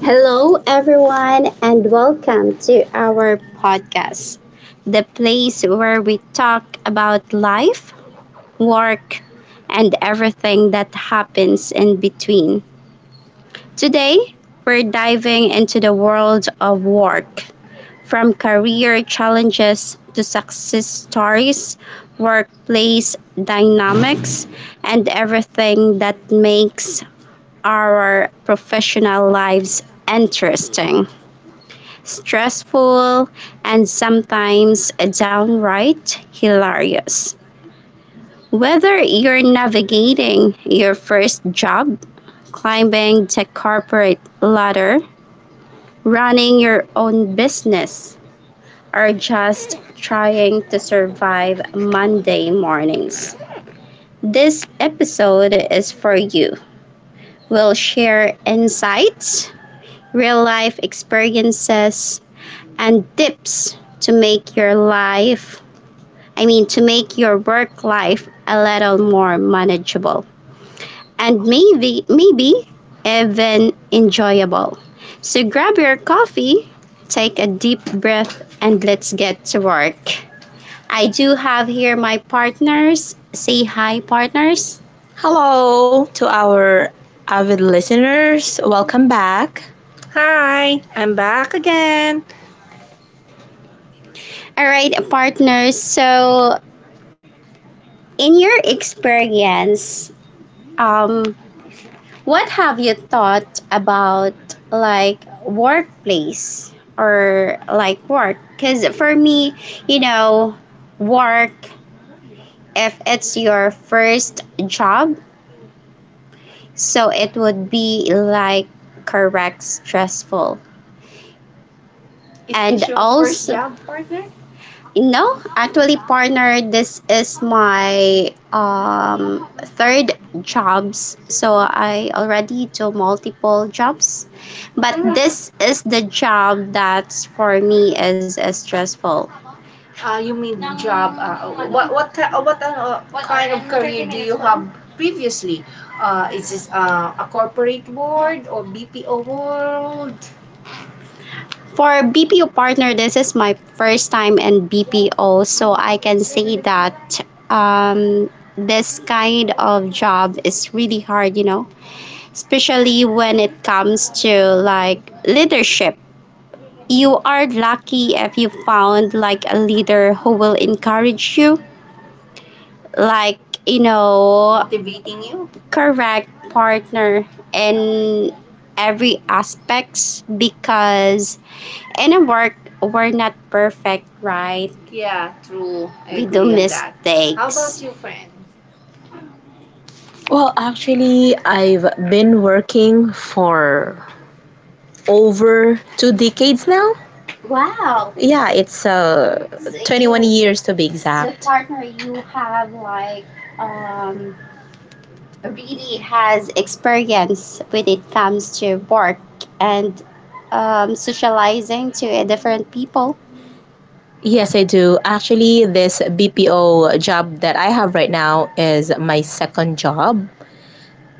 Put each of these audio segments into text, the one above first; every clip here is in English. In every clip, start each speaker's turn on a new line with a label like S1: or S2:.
S1: Hello, everyone, and welcome to our podcast, the place where we talk about life, work, and everything that happens in between. Today, we're diving into the world of work, from career challenges to success stories, workplace dynamics, and everything that makes our professional lives interesting, stressful, and sometimes downright hilarious. Whether you're navigating your first job, climbing the corporate ladder, running your own business, or just trying to survive Monday mornings, this episode is for you. We'll share insights, real life experiences and tips to make your life, I mean, to make your work life a little more manageable and maybe even enjoyable. So grab your coffee, take a deep breath, and let's get to work. I do have here my partners. Say hi, partners. Hello to our avid listeners. Welcome back. Hi, I'm back again. All right, partners. So, in your experience, um, what have you thought about like workplace or like work? Because for me, you know, work, if it's your first job, so it would be like correct stressful. Is And this your first also job, partner? No, actually partner, this is my third jobs. So I already do multiple jobs. But this is the job that's for me is, stressful. You mean job? Ano? What ki- what kind are- of and career 30 do minutes you minutes have previously? Is this a corporate world or BPO world? For BPO partner, this is my first time in BPO, so I can say that um, this kind of job is really hard, you know, especially when it comes to like leadership. You are lucky if you found like a leader who will encourage you, like you know motivating you correct partner in every aspects, because in a work we're not perfect, right? Yeah, true, I we agree do agree on that. How about mistakes, you friend? Well, actually, I've been working for over 2 decades now. Wow. Yeah, it's so 21 years to be so exact. Partner, you have like um really has experience when it comes to work and socializing to different people. Yes, I do. Actually, this BPO job that I have right now is my second job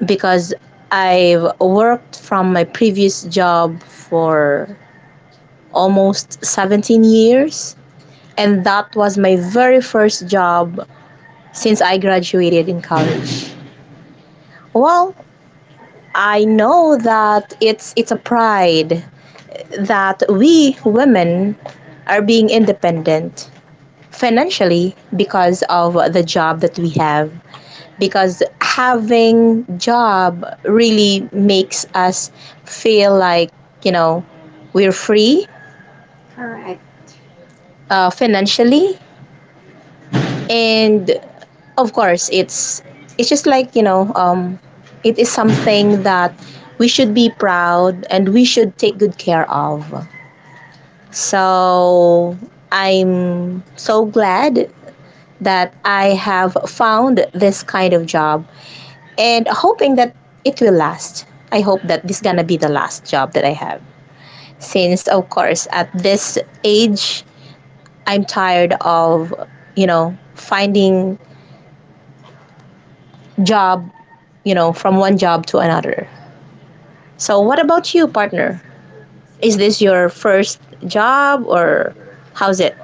S1: because I've worked from my previous job for almost 17 years. And that was my very first job since I graduated in college. Well, I know that it's a pride that we women are being independent financially because of the job that we have, because having job really makes us feel like you know we're free. Correct. Financially and of course it's just like you know it is something that we should be proud and we should take good care of. So I'm so glad that I have found this kind of job and hoping that it will last. I hope that this gonna be the last job that I have, since of course at this age I'm tired of you know finding job, you know, from one job to another. So, what about you, partner? Is this your first job or how's it?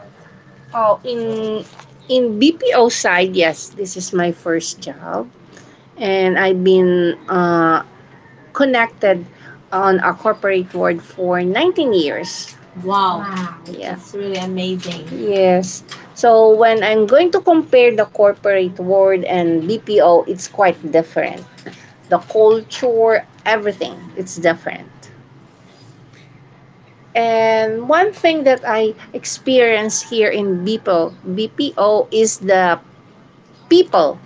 S1: Oh, in BPO side, yes, this is my first job, and I've been connected on a corporate world for 19 years. Wow, wow. Yeah. That's really amazing. Yes. So when I'm going to compare the corporate world and BPO, it's quite different. The culture, everything. It's different. And one thing that I experience here in BPO, BPO is the people.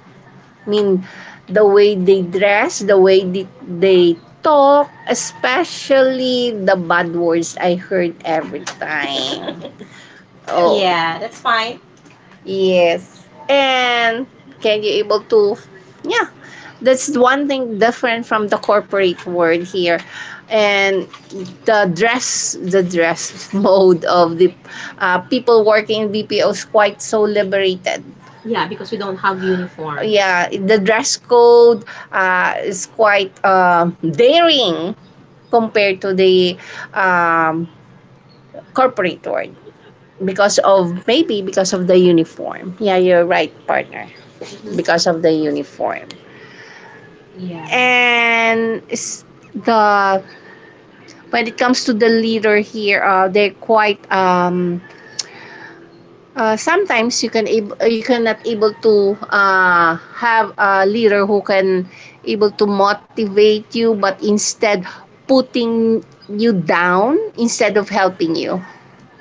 S1: I mean, the way they dress, the way they talk, especially the bad words I heard every time. Oh. Yeah, that's fine. Yes. And can you able to, yeah, that's one thing different from the corporate world here. And the dress mode of the people working in BPO is quite so liberated. Yeah, because we don't have uniform. Yeah, the dress code is quite daring compared to the um, corporate world, because of maybe because of the uniform. Yeah, you're right, partner. Because of the uniform and the when it comes to the leader here, they're quite sometimes you can you cannot able to have a leader who can able to motivate you, but instead putting you down instead of helping you.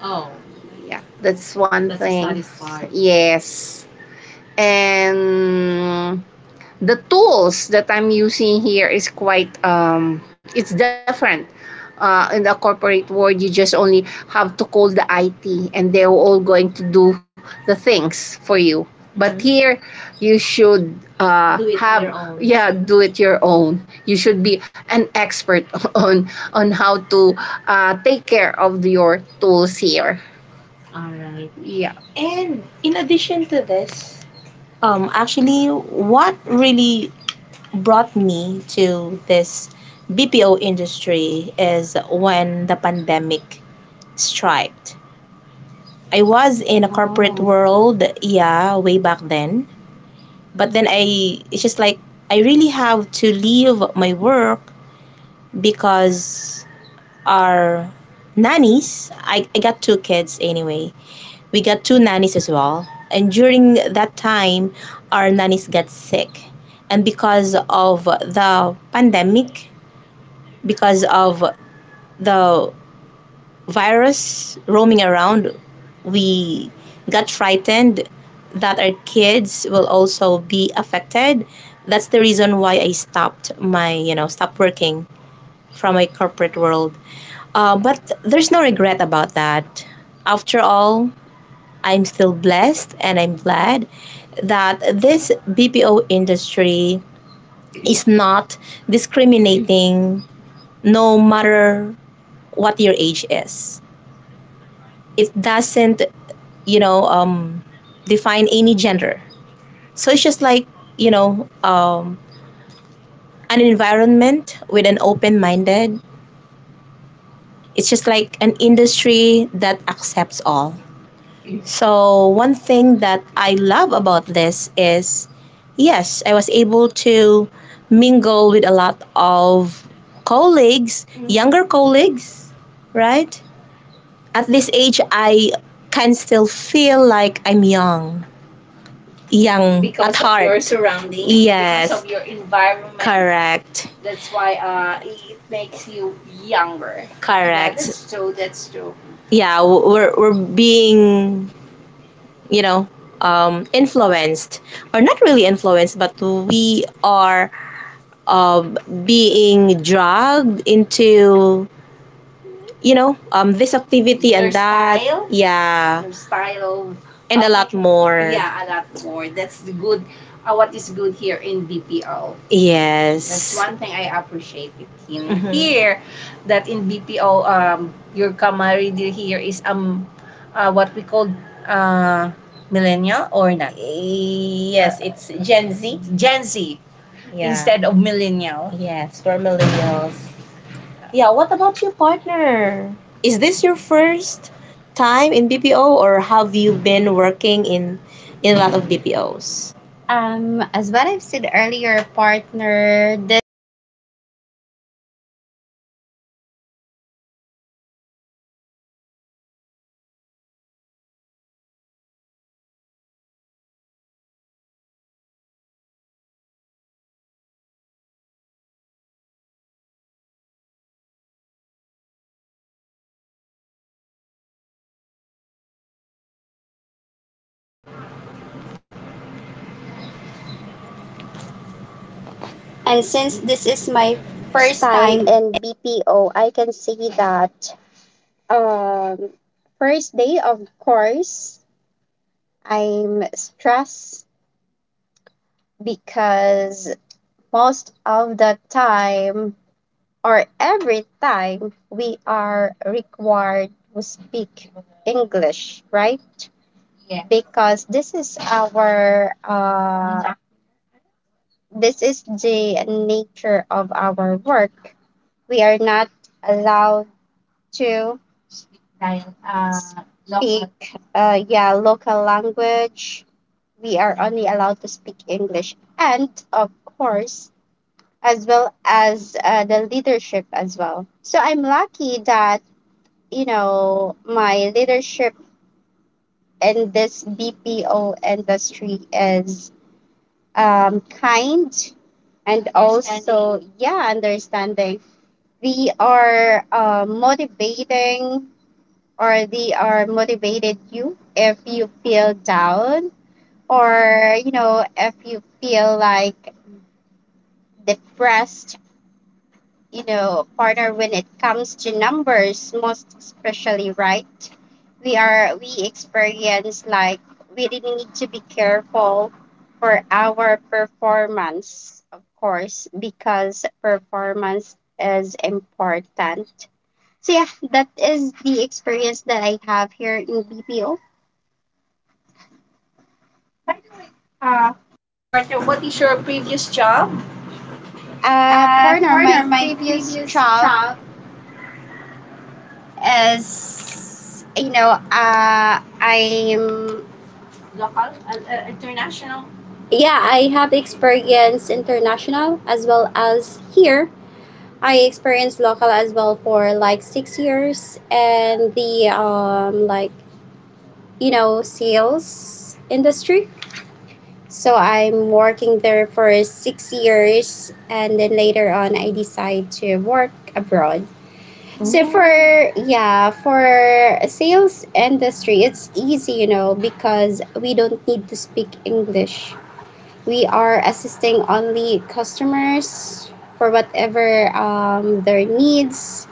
S1: Oh. Yeah, that's one That's a thing. Satisfied. Yes, and the tools that I'm using here is quite it's different. In the corporate world, you just only have to call the IT, and they're all going to do the things for you. But here, you should have yeah do it your own. You should be an expert on how to take care of your tools here. All right. Yeah. And in addition to this, actually, what, and since this is my
S2: First
S1: first
S2: time
S1: time,
S2: in BPO, I can see that um, first day, of course, I'm stressed because most of the time or every time we are required to speak English, right? Yeah. Because this is our this is the nature of our work. We are not allowed to dial local speak, yeah, local language. We are only allowed to speak English, and of course, as well as the leadership as well. So I'm lucky that you know my leadership in this BPO industry is kind and also, yeah, understanding. We are motivating or they are motivated, you if you feel down or you know if you feel like depressed, you know, partner, when it comes to numbers, most especially, right? We experience, like, we really need to be careful for our performance, of course, because performance is important. So yeah, that is the experience that I have here in BPO.
S1: Partner, what is your previous job?
S2: Partner,
S1: Partner,
S2: my
S1: my
S2: previous
S1: previous
S2: job.
S1: job is, you know, I'm, local? International? Yeah, I have experience international as well as here. I experienced local as well for like 6 years and the, like, you know, sales industry. So I'm working there for 6 years, and then later on, I decide to work abroad. So for, oh, yeah, for sales industry, it's easy, you know, because we don't need to speak English. We are assisting only customers for whatever their needs,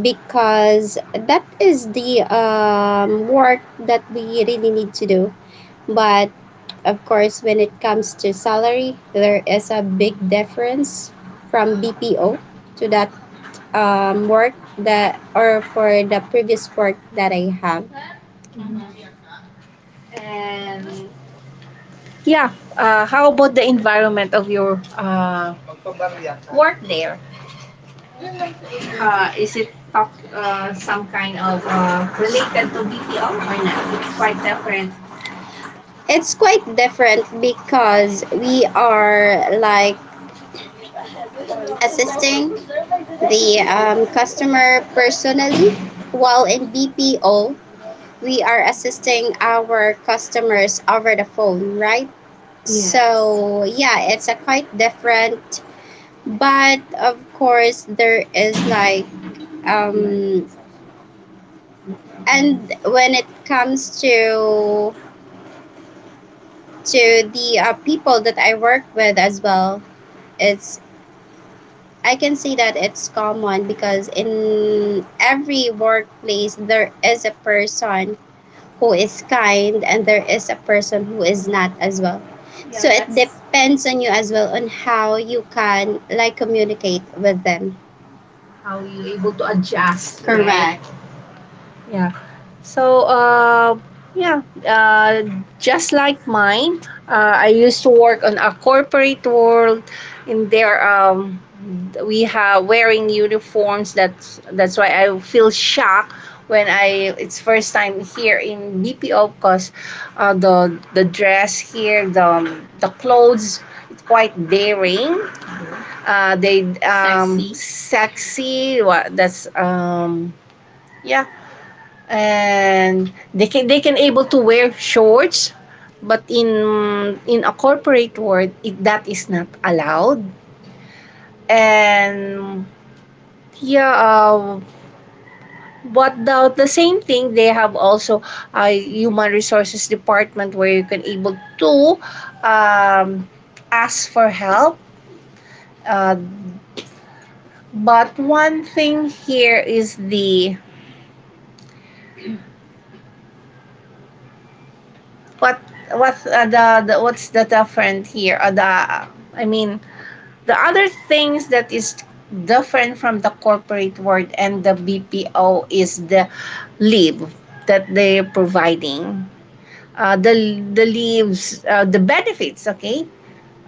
S1: because that is the work that we really need to do. But of course, when it comes to salary, there is a big difference from BPO to that work that, or for the previous work that I have. And yeah, how about the environment of your work there? Is it talk some kind of related to BPO or not? It's quite different. It's quite different because we are like assisting the customer personally, while in BPO, we are assisting our customers over the phone, right? Yes. So, yeah, it's a quite different, but of course, there is like, um, and when it comes to the people that I work with as well, it's I can say that it's common, because in every workplace there is a person who is kind and there is a person who is not as well. Yeah, so, yeah, it that's depends on you as well on how you can like communicate with them. How you able to adjust. Right? Correct. Yeah, so, yeah, just like mine, I used to work on a corporate world. In there we have wearing uniforms. That's why I feel shocked when I, it's first time here in BPO, because the dress here, the clothes, it's quite daring, they sexy. Sexy. What that's yeah, and they can able to wear shorts, but in a corporate world, it, that is not allowed. And yeah, but the, same thing, they have also a human resources department where you can able to um, ask for help, uh, but one thing here is the what what the what's the different here the I mean The other things that is different from the corporate world and the BPO is the leave that they're providing. The benefits, okay?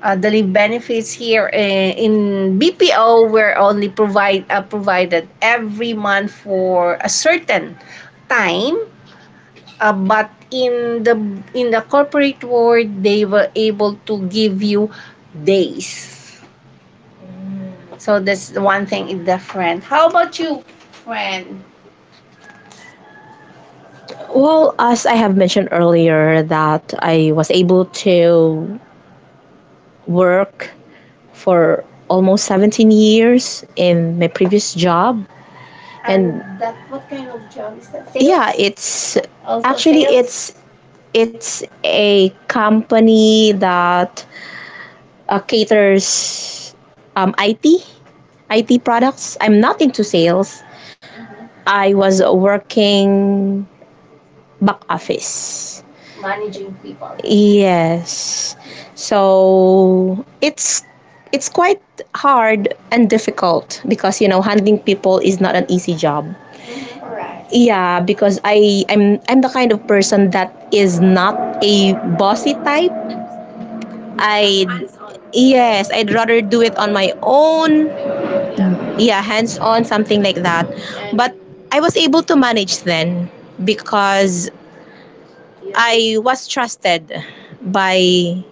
S1: The leave benefits here in BPO were only provide provided every month for a certain time, but in the corporate world they were able to give you days. So this one thing is different. How about you, friend? Well, as I have mentioned earlier, that I was able to work for almost 17 years in my previous job. And that what kind of job is that? Sales? Yeah, it's also, actually sales? It's a company that caters IT, IT products. I'm not into sales. I was working back office. Yes. So it's quite hard and difficult, because you know handling people is not an easy job. Yeah, because I'm the kind of person that is not a bossy type. I, yes, I'd rather do it on my own. Yeah, hands on, something like that. But I was able to manage then, because I was trusted by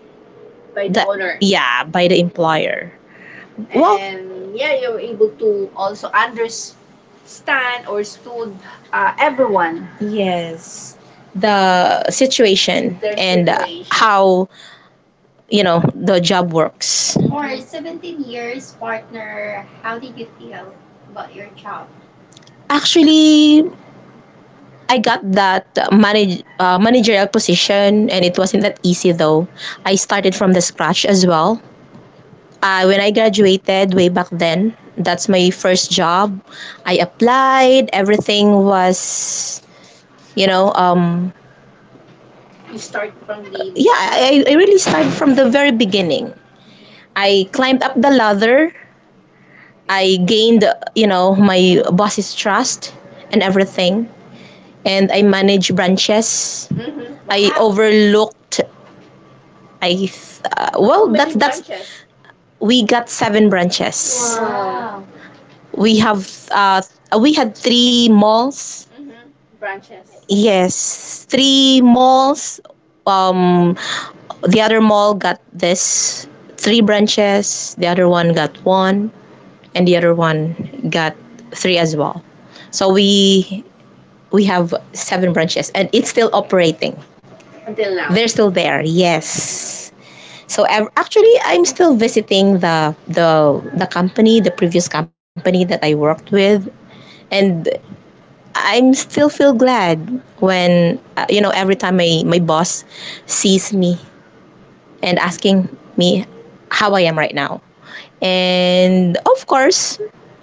S1: the, owner. Yeah, by the employer. Well, and yeah, you're able to also understand or stood everyone. Yes, the situation Their and situation. How you know the job works. For 17 years partner, how did you feel about your job? Actually, I got that managerial position, and it wasn't that easy though. I started from the scratch as well. When I graduated way back then, that's my first job. I applied, everything was, you know, yeah, I really started from the very beginning. I climbed up the ladder, I gained, you know, my boss's trust and everything. And I managed branches. I overlooked, I, well, that's, we got seven branches. We have, we had three malls. Yes, three malls. Um, the other mall got this three branches. The other one got one, and the other one got three as well. So we have seven branches, and it's still operating until now. They're still there. Yes. So actually, I'm still visiting the company, the previous company that I worked with, and I'm still feel glad when, you know, every time my boss sees me and asking me how I right now. And of course,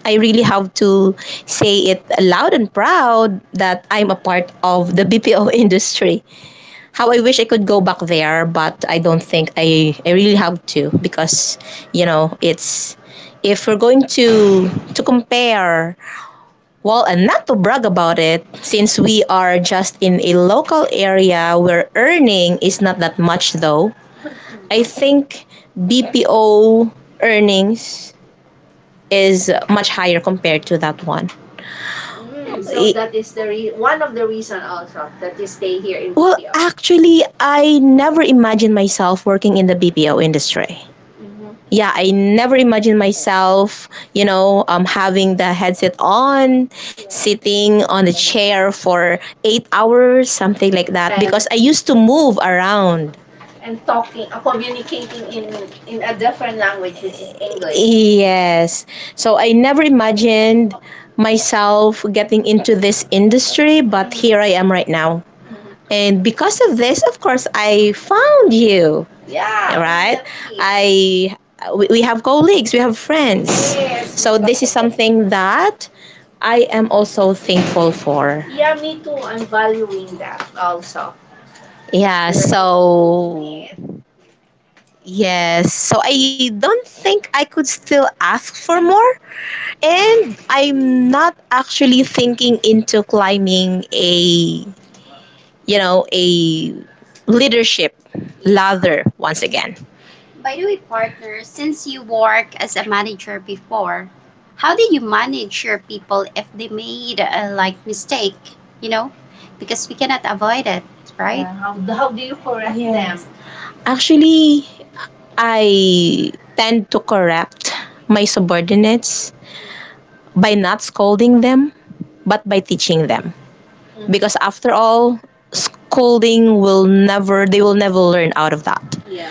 S1: I really have to say it loud and proud that I'm a part of the BPO industry. How I wish I could go back there, but I don't think I really have to because, you know, it's if we're going to compare, well, and not to brag about it, since we are just in a local area where earning is not that much though, I think BPO earnings is much higher compared to that one. So that is one of the reason also that you stay here in, well, BPO. Actually, I never imagined myself working in the BPO industry. Mhm. Yeah, I never imagined myself, having the headset on, sitting on the chair for 8 hours, something like that. And because I used to move around. And talking, communicating in a different language, which is English. Yes. So I never imagined myself getting into this industry, but here I am right now. And because of this, of course, I found you. Yeah. Right? I we have colleagues, we have friends. Yes. So this is something that I am also thankful for. Yeah, me too. I'm valuing that also. Yeah, so yes. So I don't think I could still ask for more, and I'm not actually thinking into climbing a, you know, a leadership ladder once again. By the way, partner, since you worked as a manager before, how did you manage your people if they made a like mistake? You know, because we cannot avoid it, right? Yeah, how do you correct. Yes. Them? Actually, I tend to correct my subordinates by not scolding them but by teaching them. Because after all, scolding will never, they will never learn out of that. Yeah.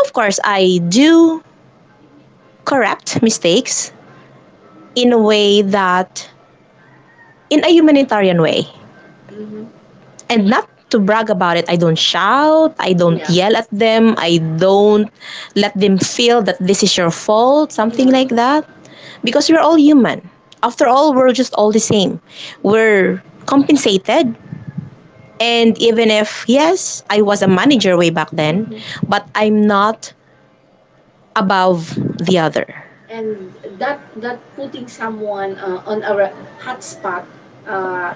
S1: Of course, I do correct mistakes in a way that, in a humanitarian way. Mm-hmm. And not to brag about it, I don't shout, I don't, yeah, yell at them, I don't let them feel that this is your fault, something, yeah, like that. Because we're all human. After all, we're just all the same. We're compensated. And even if, yes, I was a manager way back then, but I'm not above the other. And that putting someone, on a hot spot, uh,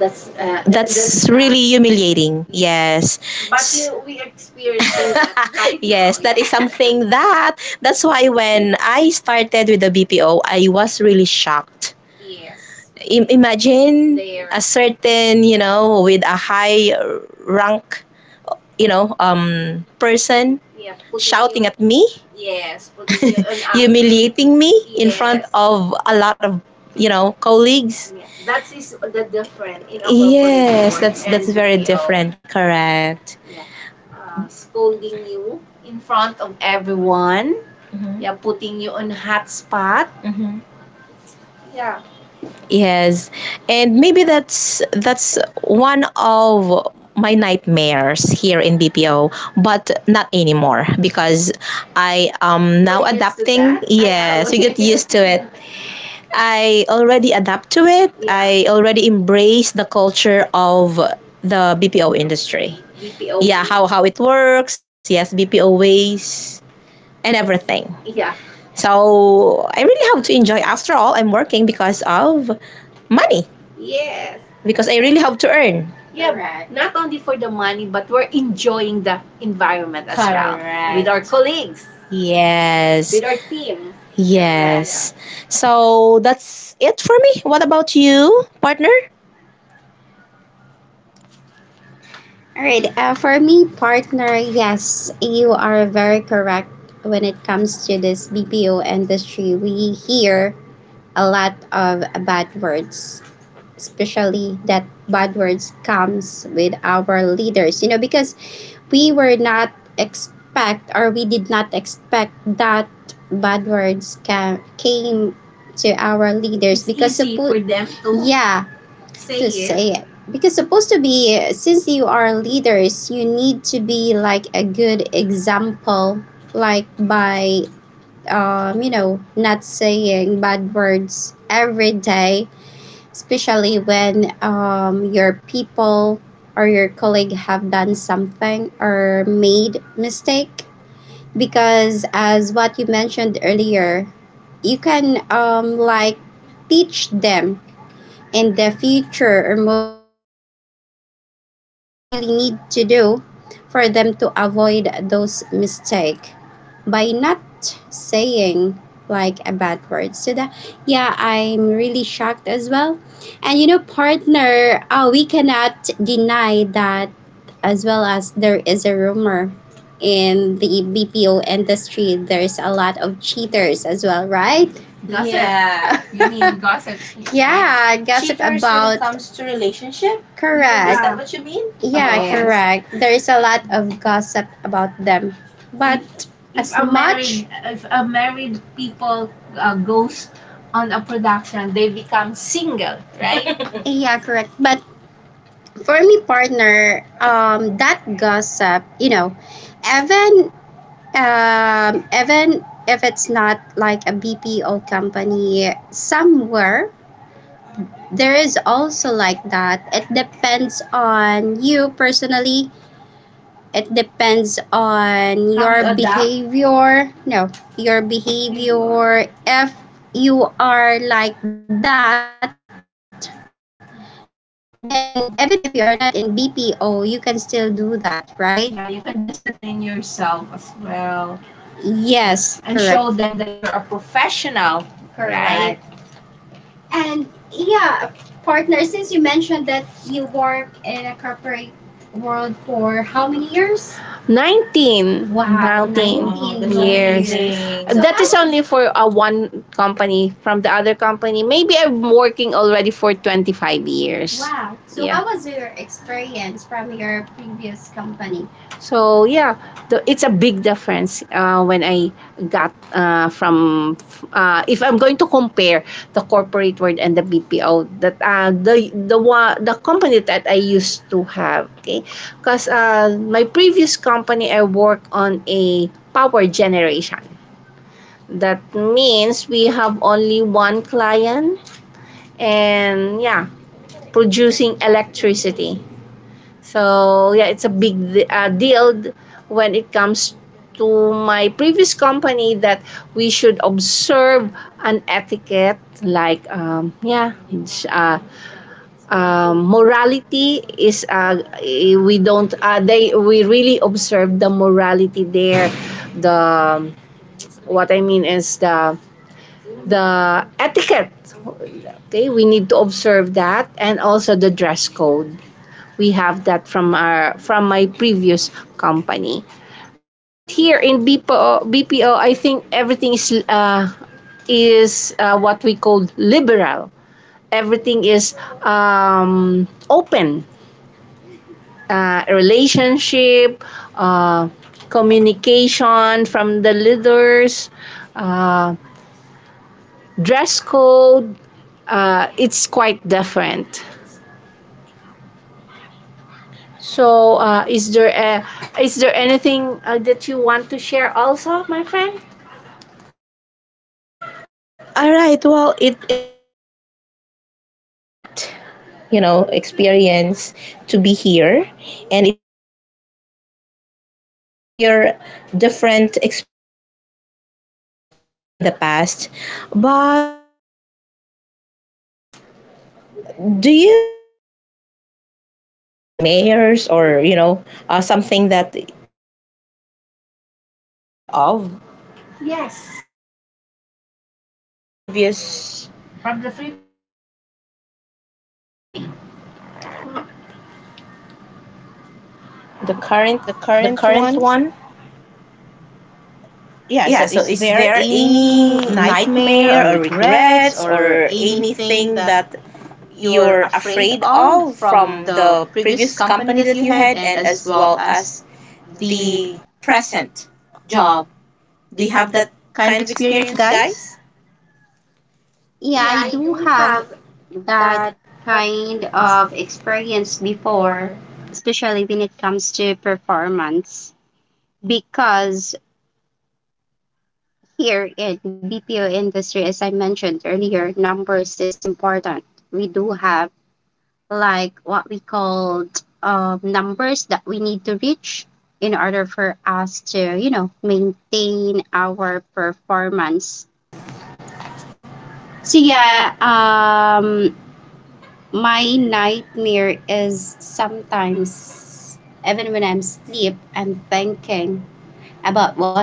S1: that's really humiliating. Yes. But you, we experiencing that right now. Yes, that is something that's why when I started with the BPO, I was really shocked. Yes, imagine there a certain, you know, with a high rank, you know, person. Yeah, putting shouting you- at me, yes, putting you on up, humiliating me in front. Yes. Of a lot of, you know, colleagues. Yeah, that is the different in a, yes, world that's and very BPO different. Correct. Yeah. Scolding you in front of everyone. Mm-hmm. Yeah, putting you on hot spot. Mhm. Yeah, yes. And maybe that's one of my nightmares here in BPO, but not anymore because I am now. You're used to adapting. That? I know. Yes, we get used to it. I already adapt to it. Yeah. I already embrace the culture of the BPO industry. BPO. Yeah, how ways. How it works. Yes, BPO ways and everything. Yeah. So I really have to enjoy. After all, I'm working because of money. Yes. Because I really have to earn. Yeah. Correct. Not only for the money, but we're enjoying the environment as correct. Well, with our colleagues, yes, with our team. Yes. Yeah. So that's it for me. What about you, partner? All right. For me, partner, yes, you are very correct when it comes to this BPO industry. We hear a lot of bad words, especially that bad words comes with our leaders, you know, because we were not expect or we did not expect that bad words came to our leaders. It's because easy for them to, yeah, say to it. Say it because supposed to be since you are leaders, you need to be like a good example, like by, you know, not saying bad words every day, especially when, your people or your colleague have done something or made mistake, because as what you mentioned earlier, you can, like teach them in the future or moving forward what they really need to do for them to avoid those mistake by not saying like a bad word. So that, yeah, I'm really shocked as well. And you know, partner, we cannot deny that as well as there is a rumor in the BPO industry, there's a lot of cheaters as well, right? Gossip. Yeah, gossip cheaters when it about comes to relationship. Is correct. That what you mean? Yeah, yes, correct. There is a lot of gossip about them. But if as a married, if a married people, goes on a production, they become single, right? Yeah, correct. But for me partner, that gossip, you know, even even if it's not like a BPO company, somewhere there is also like that. It depends on you personally. It depends on your behavior. No, your behavior. If you are like that, then even if you are not in BPO, you can still do that, right? Yeah, you can discipline yourself as well. Yes, and correct. Show them that you're a professional, correct, right? And yeah, partner, since you mentioned that you work in a corporate world for how many years? 19. Wow, 19. Nineteen years. That's so that is I only for a one company. From the other company, maybe I'm working already for 25 years. Wow. So yeah, how was your experience from your previous company? So yeah, the, it's a big difference, when I got from, if I'm going to compare the corporate world and the BPO that, the one the company that I used to have, okay, because, my previous company I work on a power generation, that means we have only one client and yeah producing electricity. So yeah, it's a big deal when it comes to my previous company that we should observe an etiquette like, yeah it's, morality is we don't, they we really observe the morality there. The what I mean is the etiquette, okay, we need to observe that, and also the dress code we have that from our from my previous company. But here in BPO, BPO I think everything is what we call liberal. Everything is, open. Relationship, uh, communication from the leaders, uh, dress code. It's quite different. So, is there anything, that you want to share also, my friend? All right. Well, it is such a great, you know, experience to be here, and it's also nice to hear different experiences that we have, in the past. But, well, do you have such nightmares or, you know, something that you're really afraid of? Yes. From the previous. From the previous or the one? The
S2: Current,
S1: current.
S2: the
S1: The
S2: current
S1: current
S2: one.
S1: one.
S2: Yeah.
S1: Yeah,
S2: So,
S1: so
S2: is
S1: is
S2: there
S1: there
S2: any
S1: any
S2: nightmare
S1: nightmare
S2: or
S1: or
S2: regrets
S1: regrets
S2: or
S1: or
S2: anything
S1: anything
S2: that
S1: that
S2: you're
S1: you're
S2: afraid
S1: afraid
S2: of
S1: of
S2: from
S1: from
S2: the
S1: the
S2: previous
S1: previous
S2: company
S1: company
S2: that
S1: that
S2: you
S1: you
S2: had,
S1: had,
S2: and
S1: and
S2: as
S1: as
S2: well
S1: well
S2: as
S1: as
S2: the present job? Do you have that kind of experience, guys? Yeah, I do have that kind of experience before, especially when it comes to performance. Because here in BPO industry, as I mentioned earlier, numbers is important. We do have, like, what we called numbers that we need to reach in order for us to, you know, maintain our
S1: performance.
S2: performance. So
S1: So
S2: yeah,
S1: yeah, my nightmare is sometimes even when I'm asleep, I'm thinking about what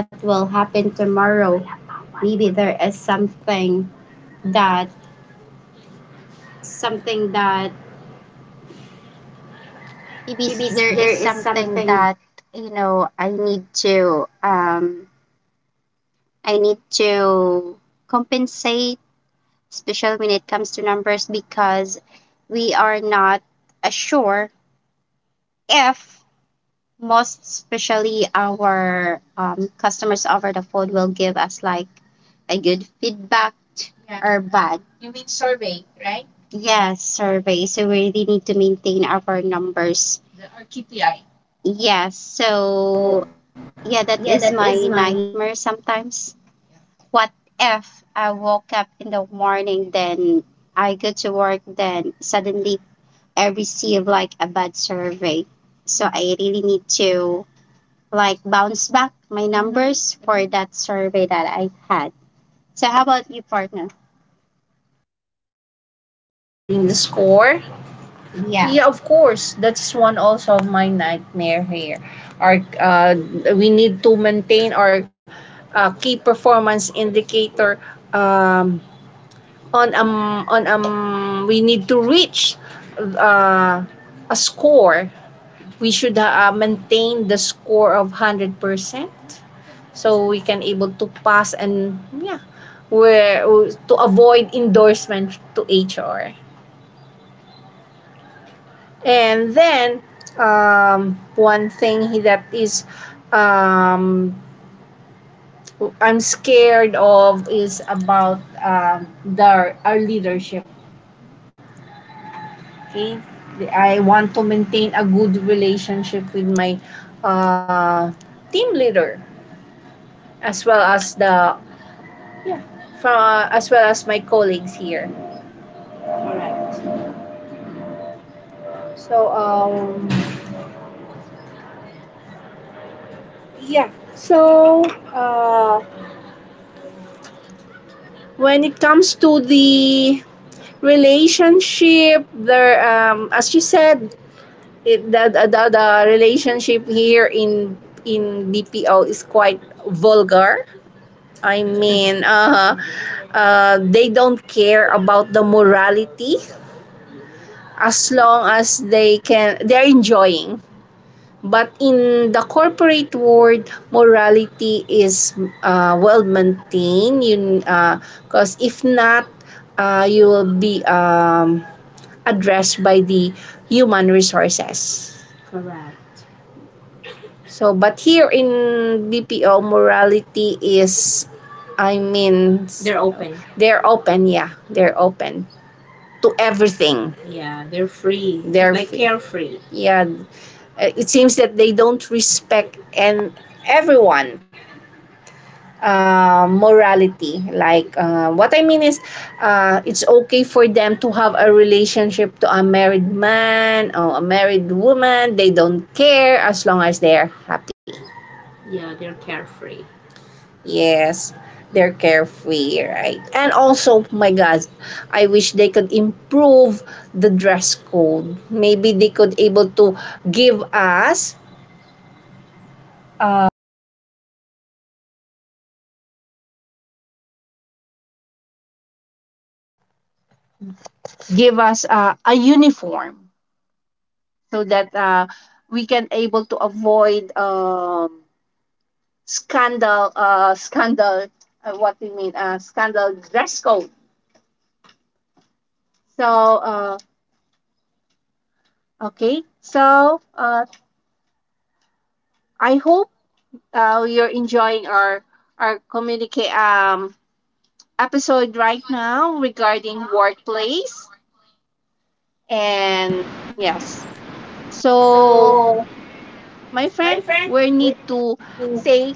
S2: maybe there is something that, you know, I need to compensate, especially when it comes to numbers, because we are not sure if, most especially, our customers over the phone will give us, like, a good feedback. Yeah. Or bad. You mean survey, right? Yes, survey. So we really need to maintain our numbers. The, or KPI. Yes. So yeah, that is my nightmare sometimes. What if I woke up in the morning, then I go to work, then suddenly I receive like a bad survey? So I really need to, like, bounce back my numbers for that survey that I had. So how about you, partner?
S1: regarding the score. Yeah, of course. That's one also of my nightmare here. Our, we need to maintain our, key performance indicator, um, on we need to reach, uh, a score. We should, maintain the score of 100% so we can able to pass, and yeah where to avoid endorsement to HR. And then, one thing that is, um, I'm scared of is about, the, our leadership. Okay, I want to maintain a good relationship with my, uh, team leader as well as the yeah from, as well as my colleagues here. So, yeah. So, uh, when it comes to the relationship there, as you said it, the relationship here in BPO is quite vulgar, I mean they don't care about the morality as long as they can, they're enjoying, but in the corporate world morality is, well maintained, you because, if not, you will be, addressed by the human resources. So, but here in BPO, morality is, I mean, they're open, yeah, they're open to everything. They're free. Yeah, it seems that they don't respect and everyone, morality. Like, what I mean is, it's okay for them to have a relationship to a married man or a married woman. They don't care as long as they're happy. Yes, they're carefree, right? And also, my God, I
S2: Give us a uniform so that we can able to avoid scandal, what we mean, scandal dress code. So okay, so I hope you're enjoying our communicate episode right now regarding workplace, and yes. So my friend, we need to say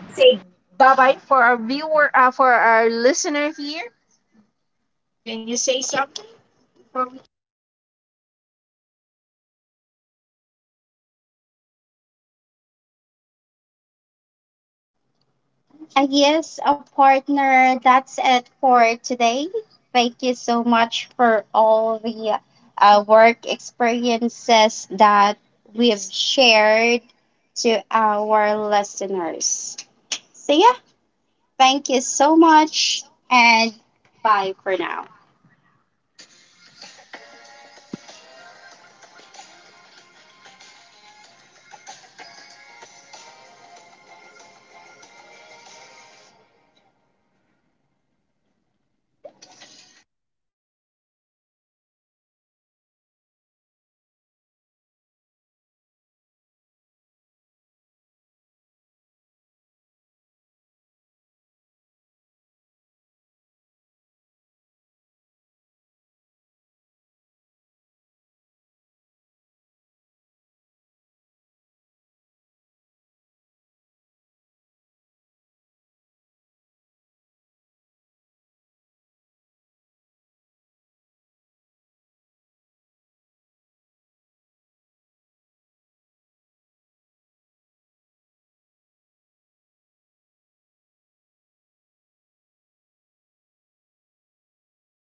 S2: bye bye for our viewer for our listener here. Can you say something for me? Yes, a partner, that's it for today. Thank you so much for all the work experiences that we've shared to our listeners. So, yeah, thank you so much and bye for now.